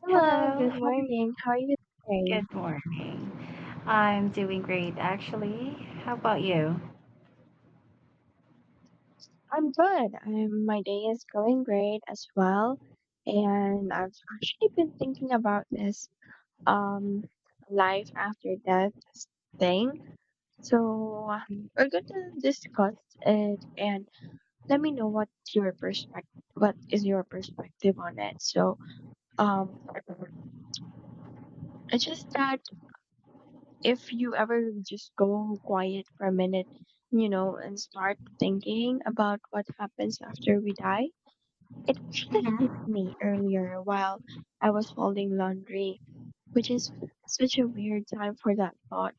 Hello, Hello, good how are you? morning. How are you doing? Good morning. I'm doing great, actually. How about you? I'm good. My day is going great as well. And I've actually been thinking about this um life after death thing. So we're gonna discuss it and let me know what your perspective what is your perspective on it. So um it's just that if you ever just go quiet for a minute, and start thinking about what happens after we die, it actually hit Mhm. me earlier while I was folding laundry, which is such a weird time for that thought.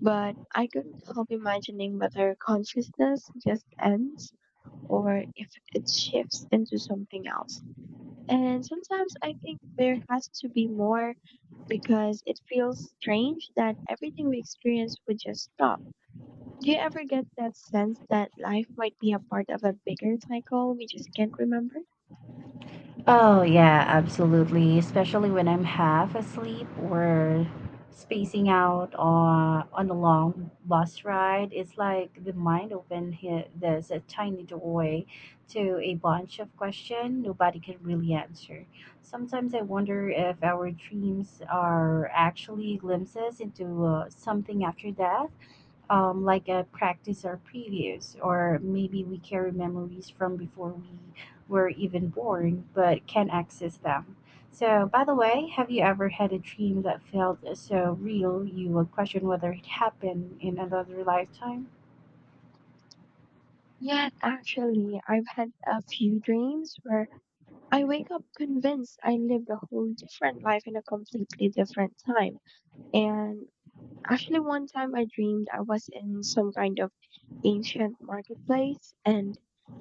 But I couldn't help imagining whether consciousness just ends or if it shifts into something else. And sometimes I think there has to be more because it feels strange that everything we experience would just stop. Do you ever get that sense that life might be a part of a bigger cycle we just can't remember? Oh, yeah, absolutely. Especially when I'm half asleep or spacing out on a long bus ride. It's like the mind open here. There's a tiny doorway to a bunch of questions nobody can really answer. Sometimes I wonder if our dreams are actually glimpses into something after death, like a practice or previous, or maybe we carry memories from before we were even born, but can access them. So, by the way, have you ever had a dream that felt so real you would question whether it happened in another lifetime? Yes, actually, I've had a few dreams where I wake up convinced I lived a whole different life in a completely different time. And actually, one time I dreamed I was in some kind of ancient marketplace, and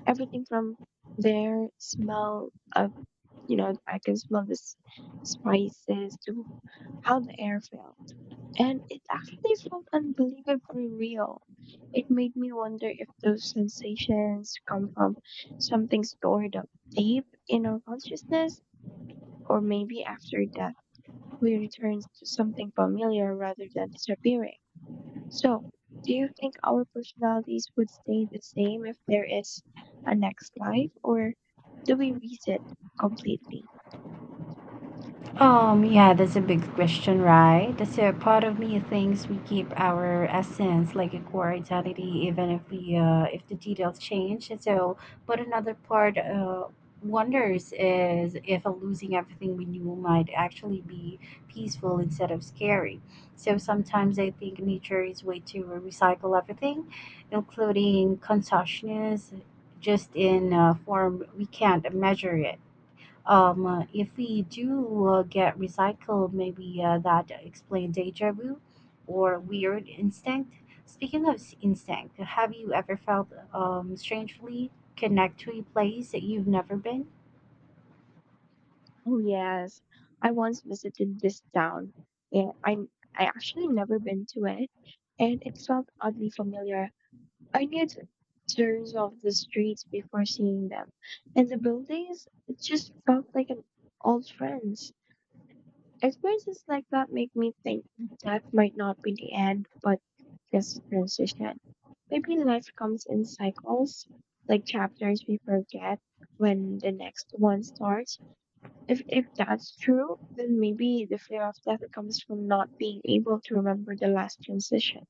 everything from there, smell of, I can smell this spices, to how the air felt. And it actually felt unbelievably real. It made me wonder if those sensations come from something stored up deep in our consciousness, or maybe after death we return to something familiar rather than disappearing. So, do you think our personalities would stay the same if there is a next life, or do we reset completely? Yeah, that's a big question, right? That's a part of me thinks we keep our essence, like a core identity, even if we if the details change. And so, but another part wonders is if losing everything we knew might actually be peaceful instead of scary. So sometimes I think nature is way to recycle everything, including consciousness, just in a form we can't measure it. If we do get recycled, maybe that explains deja vu or weird instinct. Speaking of instinct, have you ever felt strangely connect to a place that you've never been? Oh yes, I once visited this town, and I actually never been to it, and it felt oddly familiar. I knew the turns of the streets before seeing them, and the buildings it just felt like an old friends. Experiences like that make me think that might not be the end, but just a transition. Maybe life comes in cycles, like chapters we forget when the next one starts. If that's true, then maybe the fear of death comes from not being able to remember the last transition.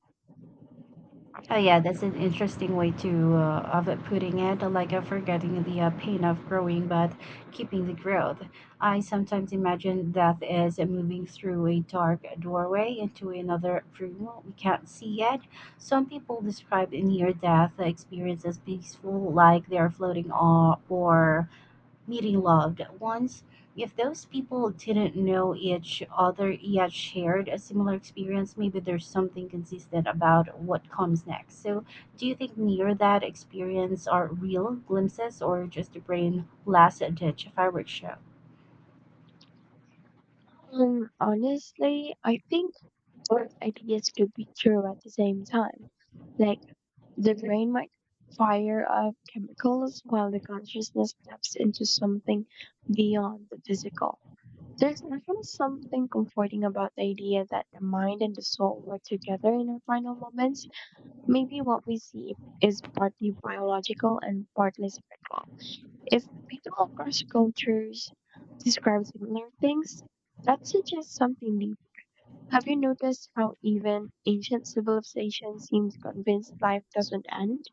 Oh yeah, that's an interesting way to of it putting it, like forgetting the pain of growing but keeping the growth. I sometimes imagine death as moving through a dark doorway into another room we can't see yet. Some people describe near-death experience as peaceful, like they are floating or meeting loved ones. If those people didn't know each other yet shared a similar experience, maybe there's something consistent about what comes next. So, do you think near that experience are real glimpses or just a brain last ditch fireworks show? Honestly, I think both ideas could be true at the same time. Like the brain might fire off chemicals while the consciousness steps into something beyond the physical. There's actually something comforting about the idea that the mind and the soul work together in our final moments. Maybe what we see is partly biological and partly spiritual. If people across cultures describe similar things, that suggests something deep. Have you noticed how even ancient civilizations seem convinced life doesn't end?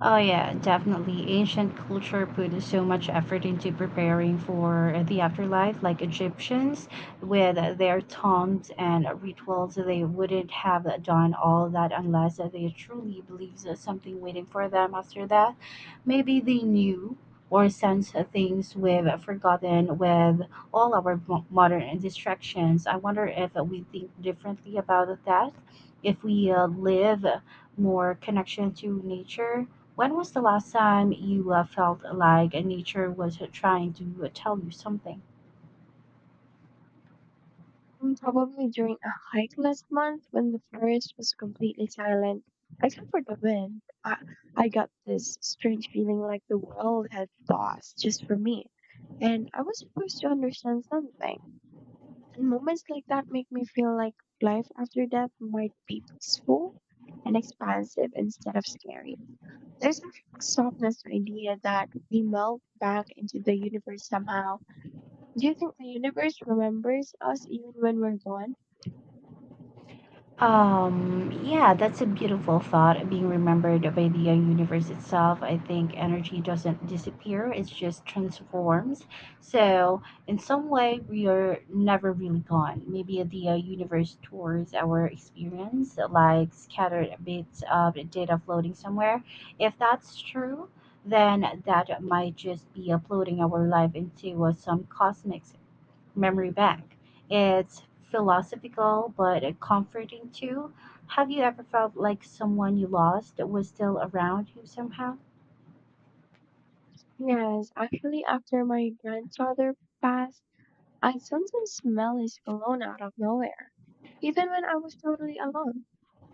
Oh yeah, definitely. Ancient culture put so much effort into preparing for the afterlife, like Egyptians with their tombs and rituals. They wouldn't have done all that unless they truly believed there's something waiting for them after that. Maybe they knew or sensed things we've forgotten with all our modern distractions. I wonder if we think differently about that, if we live more connection to nature. When was the last time you felt like nature was trying to tell you something? Mm, probably during a hike last month when the forest was completely silent, except for the wind. I got this strange feeling like the world had paused just for me, and I was supposed to understand something. And moments like that make me feel like life after death might be peaceful and expansive instead of scary. There's a softness to the idea that we melt back into the universe somehow. Do you think the universe remembers us even when we're gone? Yeah, that's a beautiful thought, being remembered by the universe itself. I think energy doesn't disappear, it just transforms. So, in some way, we are never really gone. Maybe the universe tours our experience, like scattered bits of data floating somewhere. If that's true, then that might just be uploading our life into some cosmic memory bank. It's philosophical but comforting too. Have you ever felt like someone you lost was still around you somehow? Yes, actually, after my grandfather passed, I sometimes smell his cologne out of nowhere, even when I was totally alone.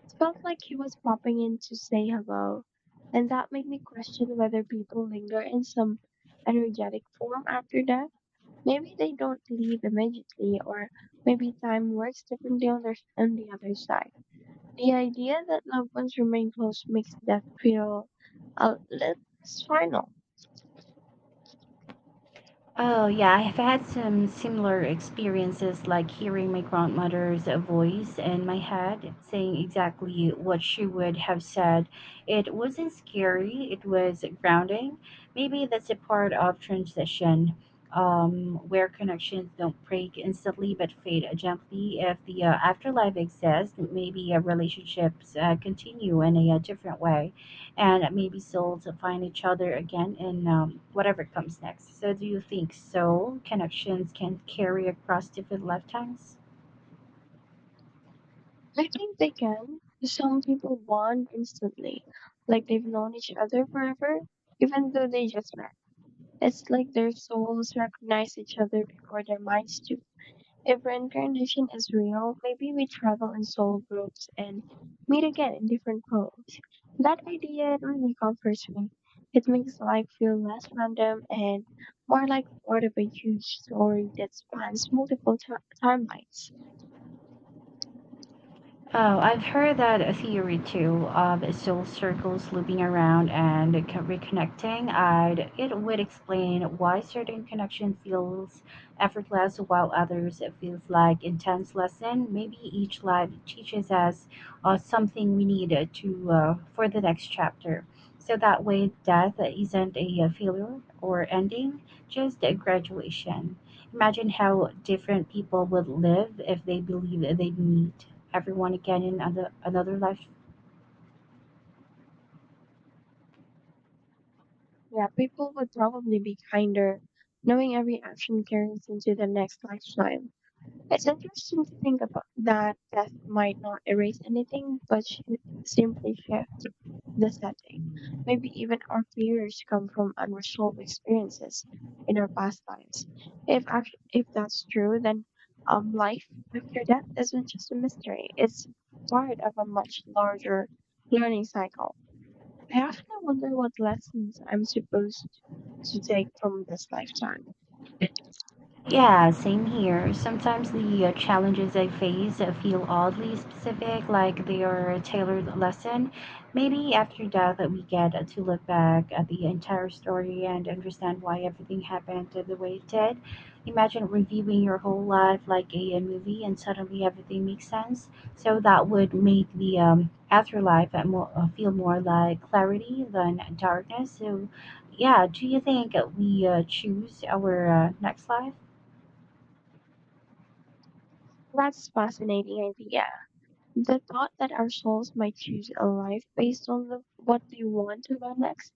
It felt like he was popping in to say hello, and that made me question whether people linger in some energetic form after death. Maybe they don't leave immediately, or maybe time works differently on the other side. The idea that loved ones remain close makes death feel a little less final. Oh, yeah, I've had some similar experiences, like hearing my grandmother's voice in my head saying exactly what she would have said. It wasn't scary, it was grounding. Maybe that's a part of transition, where connections don't break instantly but fade gently. If the afterlife exists, maybe relationships continue in a, different way and maybe still to find each other again in whatever comes next. So, do you think soul connections can carry across different lifetimes? I think they can. Some people bond instantly, like they've known each other forever, even though they just met. It's like their souls recognize each other before their minds do. If reincarnation is real, maybe we travel in soul groups and meet again in different roles. That idea really comforts me. It makes life feel less random and more like part of a huge story that spans multiple ti timelines. Oh, I've heard that a theory too of soul circles looping around and reconnecting. It would explain why certain connection feels effortless while others it feels like intense lesson. Maybe each life teaches us something we need to for the next chapter. So that way, death isn't a failure or ending, just a graduation. Imagine how different people would live if they believe they meet everyone again in another live. Yeah, people would probably be kinder, knowing every action carries into the next lifetime. It's interesting to think about that death might not erase anything, but should simply shift the setting. Maybe even our fears come from unresolved experiences in our past lives. If that's true, then life after death isn't just a mystery. It's part of a much larger learning cycle. I often wonder what lessons I'm supposed to take from this lifetime. Yeah, same here. Sometimes the challenges I face feel oddly specific, like they are a tailored lesson. Maybe after death, that we get to look back at the entire story and understand why everything happened the way it did. Imagine reviewing your whole life like a movie, and suddenly everything makes sense. So that would make the afterlife, more, feel more like clarity than darkness. So, yeah, do you think we choose our next life? That's fascinating idea. The thought that our souls might choose a life based on what they want to learn next.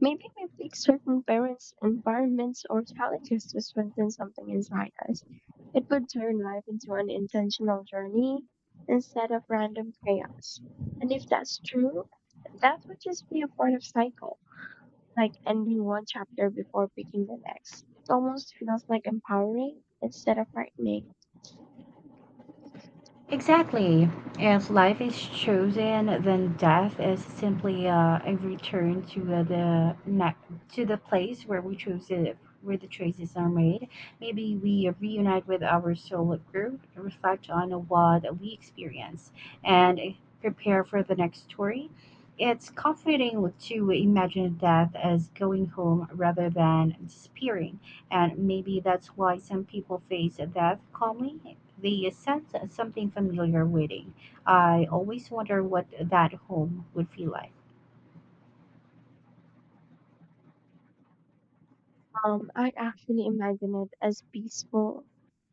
Maybe we pick certain parents, environments, or challenges to strengthen something inside us. It would turn life into an intentional journey instead of random chaos. And if that's true, that would just be a part of cycle, like ending one chapter before picking the next. It almost feels like empowering instead of frightening. Exactly. If life is chosen, then death is simply a return to to the place where we chose it, where the choices are made. Maybe we reunite with our soul group, reflect on what we experience, and prepare for the next story. It's comforting to imagine death as going home rather than disappearing, and maybe that's why some people face death calmly. They sense something familiar waiting. I always wonder what that home would feel like. I actually imagine it as peaceful,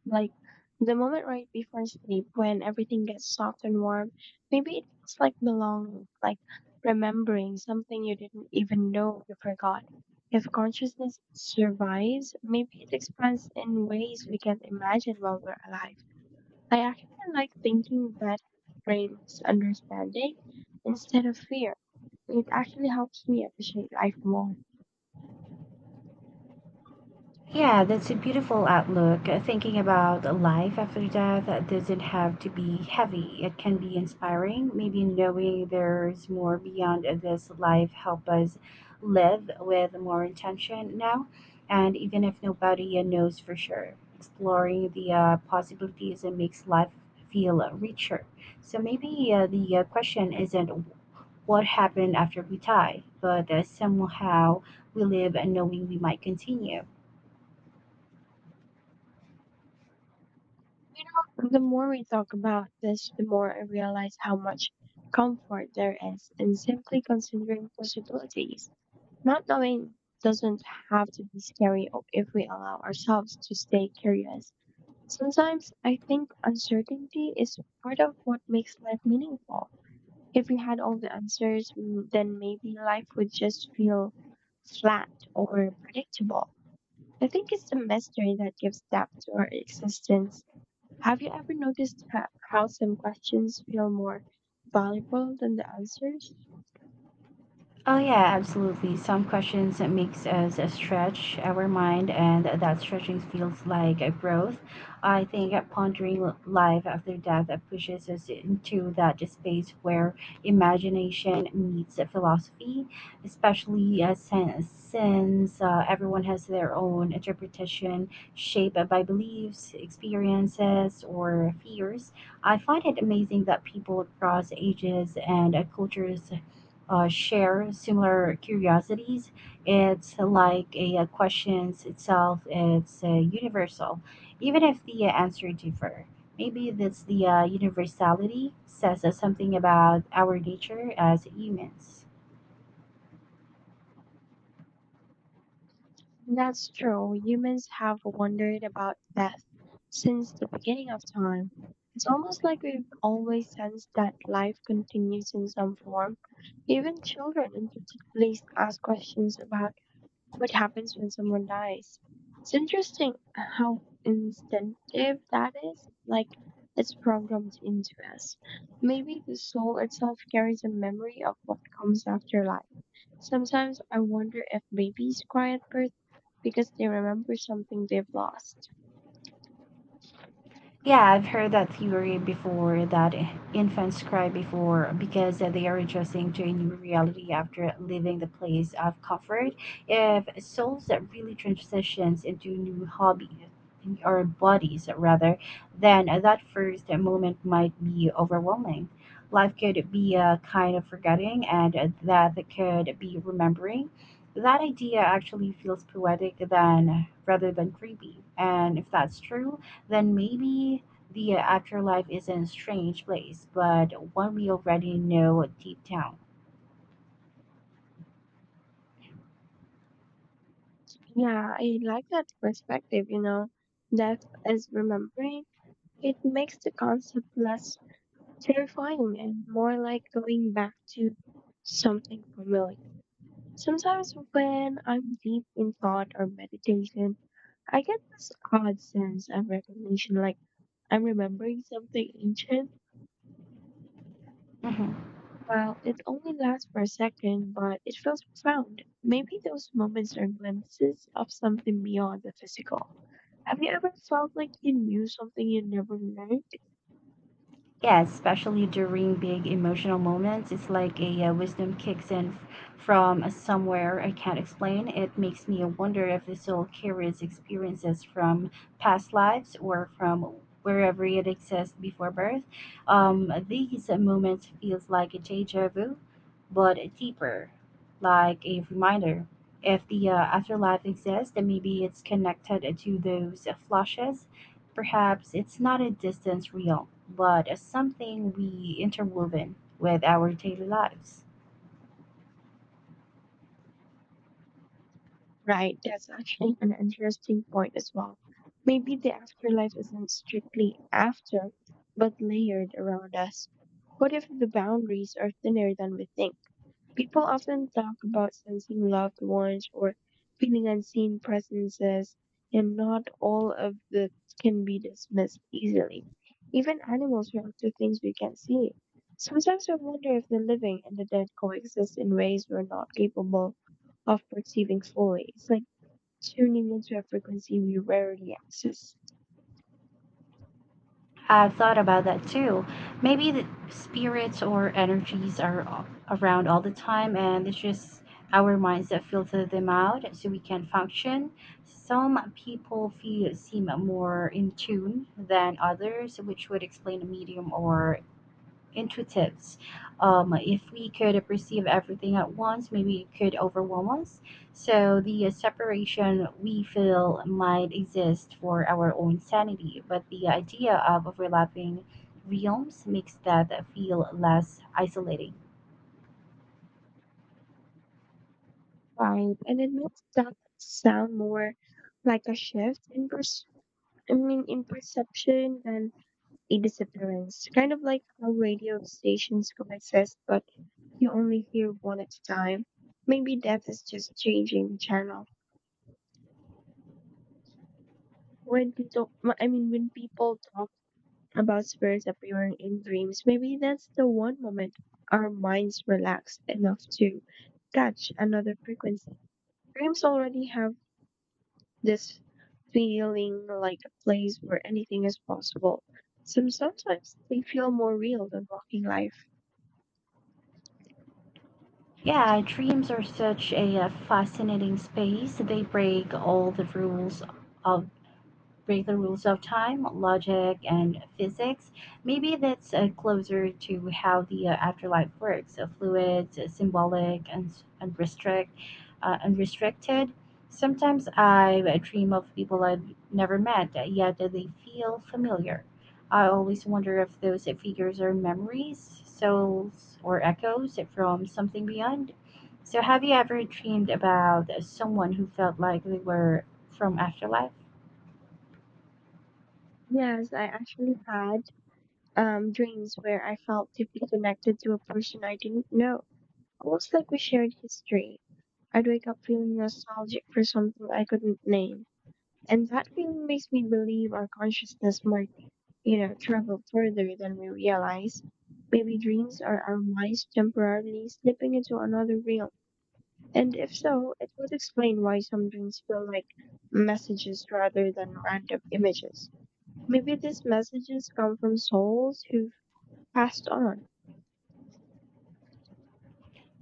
like the moment right before sleep when everything gets soft and warm. Maybe it feels like belonging, like remembering something you didn't even know you forgot. If consciousness survives, maybe it expands in ways we can't imagine while we're alive. I actually like thinking that brings understanding instead of fear. It actually helps me appreciate life more. Yeah, that's a beautiful outlook. Thinking about life after death doesn't have to be heavy. It can be inspiring. Maybe knowing there's more beyond this life help us live with more intention now, and even if nobody knows for sure, exploring the possibilities makes life feel richer. So maybe the question isn't what happened after we die, but somehow we live knowing we might continue. You know, the more we talk about this, the more I realize how much comfort there is in simply considering possibilities. Not knowing doesn't have to be scary if we allow ourselves to stay curious. Sometimes I think uncertainty is part of what makes life meaningful. If we had all the answers, then maybe life would just feel flat or predictable. I think it's the mystery that gives depth to our existence. Have you ever noticed how some questions feel more valuable than the answers? Oh yeah, absolutely. Some questions that makes us stretch our mind, and that stretching feels like a growth. I think that pondering life after death pushes us into that space where imagination meets philosophy, especially since everyone has their own interpretation shaped by beliefs, experiences, or fears. I find it amazing that people across ages and cultures share similar curiosities. It's like a, questions itself. It's universal, even if the answer differ. Maybe that's the universality says us something about our nature as humans. That's true. Humans have wondered about death since the beginning of time. It's almost like we've always sensed that life continues in some form. Even children intuitively ask questions about what happens when someone dies. It's interesting how instinctive that is, like it's programmed into us. Maybe the soul itself carries a memory of what comes after life. Sometimes I wonder if babies cry at birth because they remember something they've lost. Yeah, I've heard that theory before that infants cry before because they are adjusting to a new reality after leaving the place of comfort. If souls that really transitions into a new hobby or bodies rather, then that first moment might be overwhelming. Life could be a kind of forgetting and that could be remembering. That idea actually feels poetic than rather than creepy. And if that's true, then maybe the afterlife isn't a strange place, but one we already know deep down. Yeah, I like that perspective, you know. Death is remembering. It makes the concept less terrifying and more like going back to something familiar. Sometimes when I'm deep in thought or meditation, I get this odd sense of recognition, like I'm remembering something ancient. Hmm. Well, it only lasts for a second, but it feels profound. Maybe those moments are glimpses of something beyond the physical. Have you ever felt like you knew something you never learned? Yeah, especially during big emotional moments, it's like a wisdom kicks in from somewhere I can't explain. It makes me wonder if the soul carries experiences from past lives or from wherever it exists before birth. These moments feels like a deja vu, but deeper, like a reminder. If the afterlife exists, then maybe it's connected to those flashes. Perhaps it's not a distance real, but as something we interwoven with our daily lives. Right, that's actually an interesting point as well. Maybe the afterlife isn't strictly after, but layered around us. What if the boundaries are thinner than we think? People often talk about sensing loved ones or feeling unseen presences, and not all of that can be dismissed easily. Even animals react to things we can't see. Sometimes I wonder if the living and the dead coexist in ways we're not capable of perceiving fully. It's like tuning into a frequency we rarely access, I've thought about that too. Maybe the spirits or energies are around all the time, and it's just our minds that filter them out so we can function. Some people feel seem more in tune than others, which would explain a medium or intuitives. If we could perceive everything at once, maybe it could overwhelm us. So the separation we feel might exist for our own sanity, but the idea of overlapping realms makes that feel less isolating. right? And it makes that sound more like a shift in in perception than a disappearance. Kind of like how radio stations coexist, but you only hear one at a time. Maybe death is just changing the channel. When people, when people talk about spirits appearing in dreams, maybe that's the one moment our minds relax enough to catch another frequency. Dreams already have this feeling like a place where anything is possible. Sometimes they feel more real than walking life. Yeah, dreams are such a fascinating space. They of break the rules of time, logic, and physics. Maybe that's closer to how the afterlife works, fluid, symbolic, and unrestricted. Uh, unrestricted. Sometimes I dream of people I've never met, yet they feel familiar. I always wonder if those figures are memories, souls, or echoes from something beyond. So, have you ever dreamed about someone who felt like they were from afterlife? Yes, I actually had dreams where I felt deeply connected to a person I didn't know, almost like we shared history. I'd wake up feeling nostalgic for something I couldn't name, and that feeling makes me believe our consciousness might, travel further than we realize. Maybe dreams are our minds temporarily slipping into another realm. And if so, it would explain why some dreams feel like messages rather than random images. Maybe these messages come from souls who've passed on.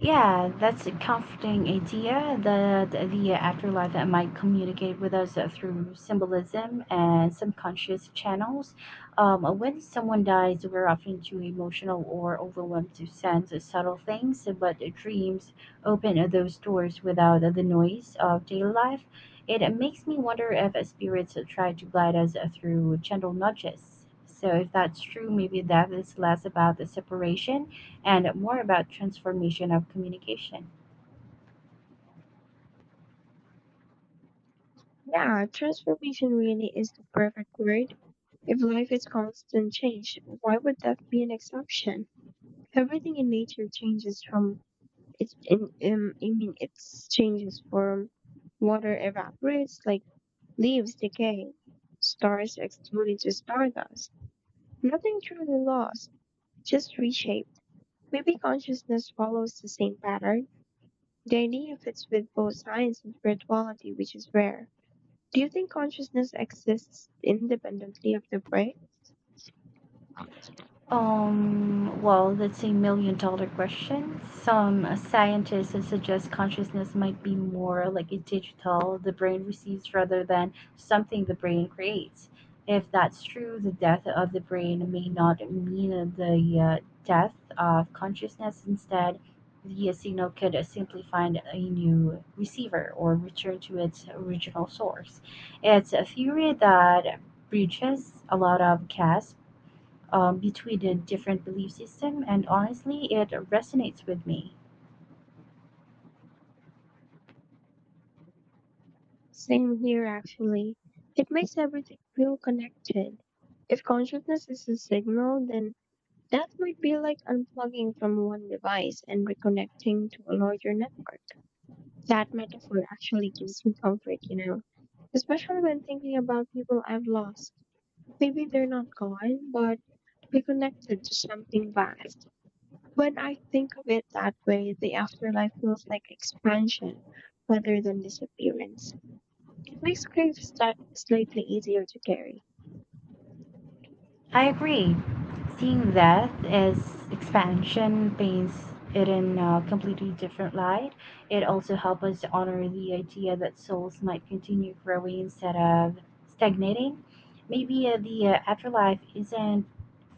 Yeah, that's a comforting idea that the afterlife might communicate with us through symbolism and subconscious channels. When someone dies, we're often too emotional or overwhelmed to sense subtle things, but dreams open those doors without the noise of daily life. It makes me wonder if spirits try to guide us through gentle nudges. So, if that's true, maybe that is less about the separation and more about transformation of communication. Yeah, transformation really is the perfect word. If life is constant change, why would that be an exception? Everything in nature changes from It in I mean it changes form. Water evaporates, like leaves decay. Stars explode into stardust. Nothing truly lost, just reshaped. Maybe consciousness follows the same pattern. The idea fits with both science and spirituality, which is rare. Do you think consciousness exists independently of the brain? Well, that's a million dollar question. Some scientists suggest consciousness might be more like a digital the brain receives rather than something the brain creates. If that's true, the death of the brain may not mean the death of consciousness. Instead, the signal could simply find a new receiver or return to its original source. It's a theory that breaches a lot of CAS between the different belief system, and honestly it resonates with me. Same here, actually. It makes everything feel connected. If consciousness is a signal, then that might be like unplugging from one device and reconnecting to a larger network. That metaphor actually gives me comfort, you know, especially when thinking about people I've lost. Maybe they're not gone, but reconnected to something vast. When I think of it that way, the afterlife feels like expansion rather than disappearance. It makes grief slightly easier to carry. I agree. Seeing that as expansion paints it in a completely different light. It also helps us to honor the idea that souls might continue growing instead of stagnating. Maybe the afterlife isn't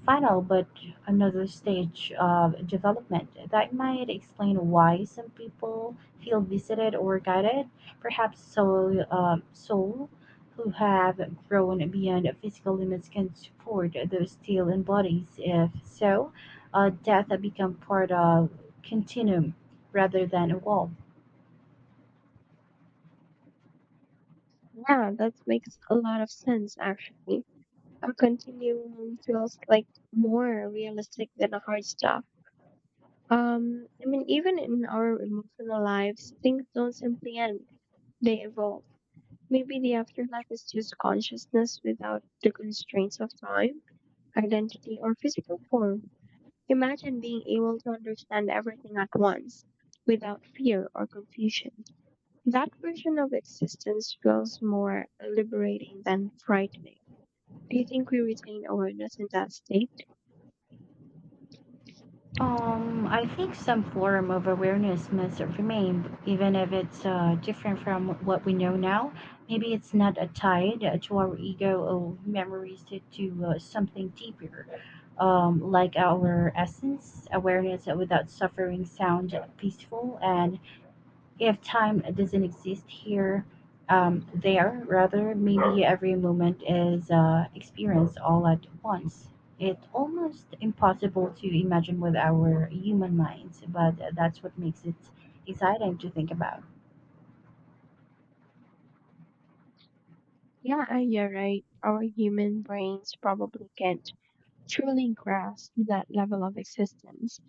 final, but another stage of development. That might explain why some people feel visited or guided. Perhaps soul who have grown beyond physical limits can support those still in bodies. If so, death becomes part of continuum rather than a wall. Yeah, that makes a lot of sense actually. A continuum feels like more realistic than a hard stop. I mean, even in our emotional lives, things don't simply end, they evolve. Maybe the afterlife is just consciousness without the constraints of time, identity, or physical form. Imagine being able to understand everything at once without fear or confusion. That version of existence feels more liberating than frightening. Do you think we retain awareness in that state? I think some form of awareness must remain, even if it's different from what we know now. Maybe it's not tied to our ego or memories, to something deeper, like our essence. Awareness without suffering sound peaceful, and if time doesn't exist here, there rather, maybe every moment is experienced all at once. It's almost impossible to imagine with our human minds, but that's what makes it exciting to think about. Yeah, you're right. Our human brains probably can't truly grasp that level of existence.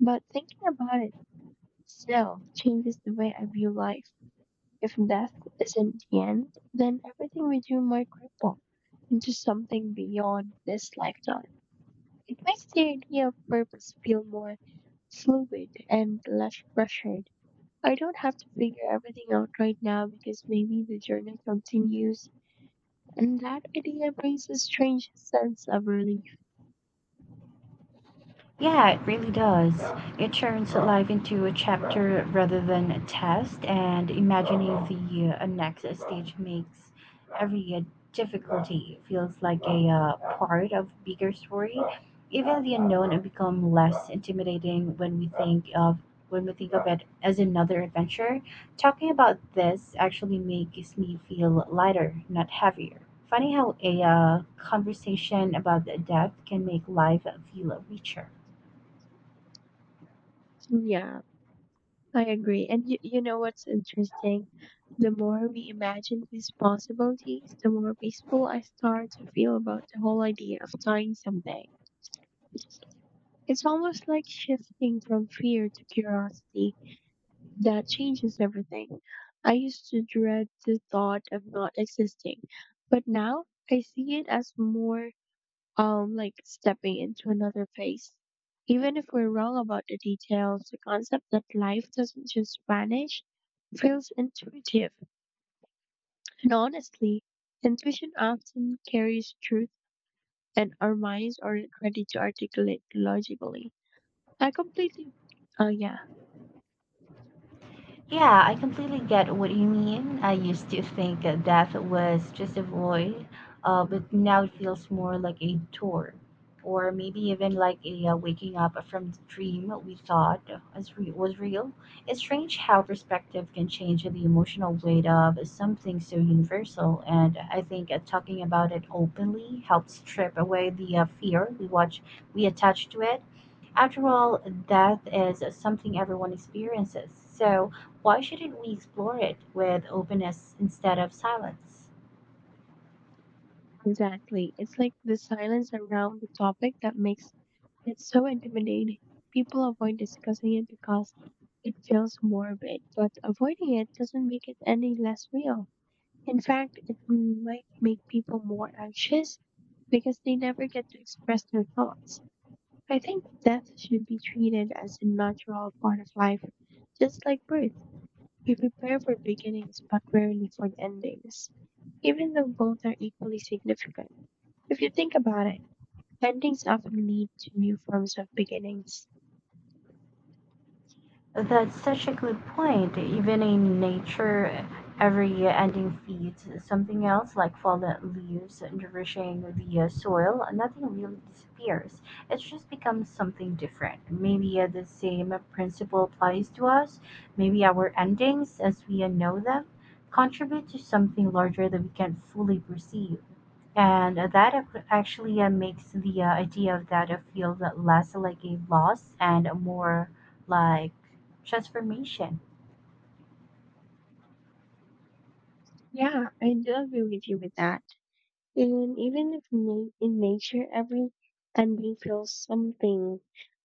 But thinking about it still changes the way I view life. If death isn't the end, then everything we do might ripple into something beyond this lifetime. It makes the idea of purpose feel more fluid and less pressured. I don't have to figure everything out right now because maybe the journey continues, and that idea brings a strange sense of relief. Yeah, it really does. It turns life into a chapter rather than a test, and imagining the next stage makes every difficulty feels like a part of bigger story. Even the unknown become less intimidating when we think of it as another adventure. Talking about this actually makes me feel lighter, not heavier. Funny how a conversation about death can make life feel richer. Yeah, I agree. And you know what's interesting? The more we imagine these possibilities, the more peaceful I start to feel about the whole idea of dying someday. It's almost like shifting from fear to curiosity. That changes everything. I used to dread the thought of not existing, but now I see it as more, like stepping into another phase. Even if we're wrong about the details, the concept that life doesn't just vanish feels intuitive. And honestly, intuition often carries truth, and our minds aren't ready to articulate logically. I completely, oh yeah. Yeah, I completely get what you mean. I used to think that death was just a void, but now it feels more like a tour, or maybe even like a waking up from the dream we thought was real. It's strange how perspective can change the emotional weight of something so universal, and I think talking about it openly helps strip away the fear we attach to it. After all, death is something everyone experiences, so why shouldn't we explore it with openness instead of silence? Exactly. It's like the silence around the topic that makes it so intimidating. People avoid discussing it because it feels morbid, but avoiding it doesn't make it any less real. In fact, it might make people more anxious because they never get to express their thoughts. I think death should be treated as a natural part of life, just like birth. We prepare for beginnings but rarely for endings, even though both are equally significant. If you think about it, endings often lead to new forms of beginnings. That's such a good point. Even in nature, every ending feeds something else, like fallen leaves nourishing the soil. Nothing really disappears. It just becomes something different. Maybe the same principle applies to us. Maybe our endings, as we know them, contribute to something larger that we can't fully perceive. And that actually makes the idea of that feel that less like a loss and more like transformation. Yeah, I do agree with you with that. And even if na- in nature, every ending feels something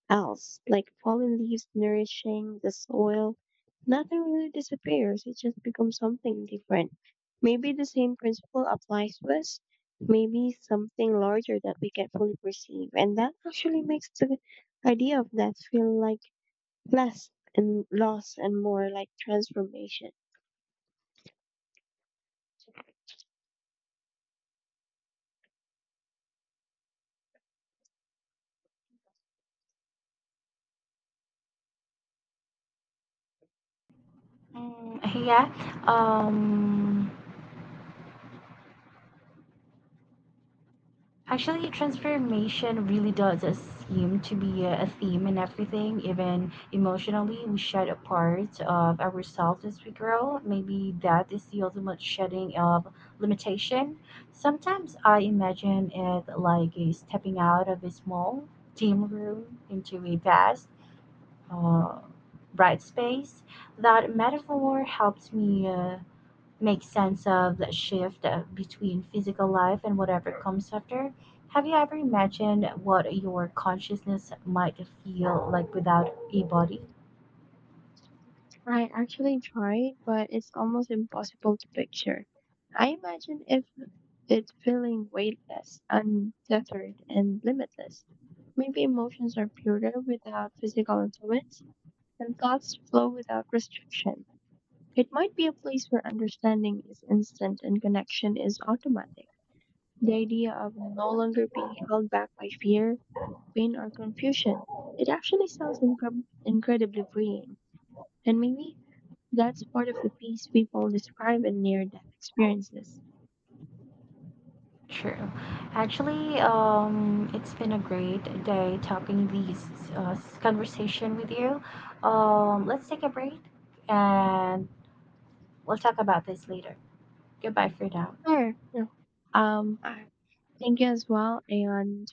else, like fallen leaves nourishing the soil, nothing really disappears. It just becomes something different. Maybe the same principle applies to us. Maybe something larger that we can fully perceive. And that actually makes the idea of death feel like less and loss and more like transformation. Mm, yeah. Um. Actually, transformation really does seem to be a theme in everything, even emotionally. We shed a part of ourselves as we grow. Maybe that is the ultimate shedding of limitation. Sometimes I imagine it like a stepping out of a small, dim room into a vast, uh, bright space. That metaphor helps me make sense of that shift between physical life and whatever comes after. Have you ever imagined what your consciousness might feel like without a body? I actually tried, but it's almost impossible to picture. I imagine if it's feeling weightless, untethered, and limitless. Maybe emotions are purer without physical influence, and thoughts flow without restriction. It might be a place where understanding is instant and connection is automatic. The idea of no longer being held back by fear, pain or confusion. It actually sounds incredibly freeing, and maybe that's part of the peace people describe in near-death experiences. True. Actually, it's been a great day talking these uh, conversation with you. Let's take a break and we'll talk about this later. Goodbye for now. Sure. no, I thank you as well, and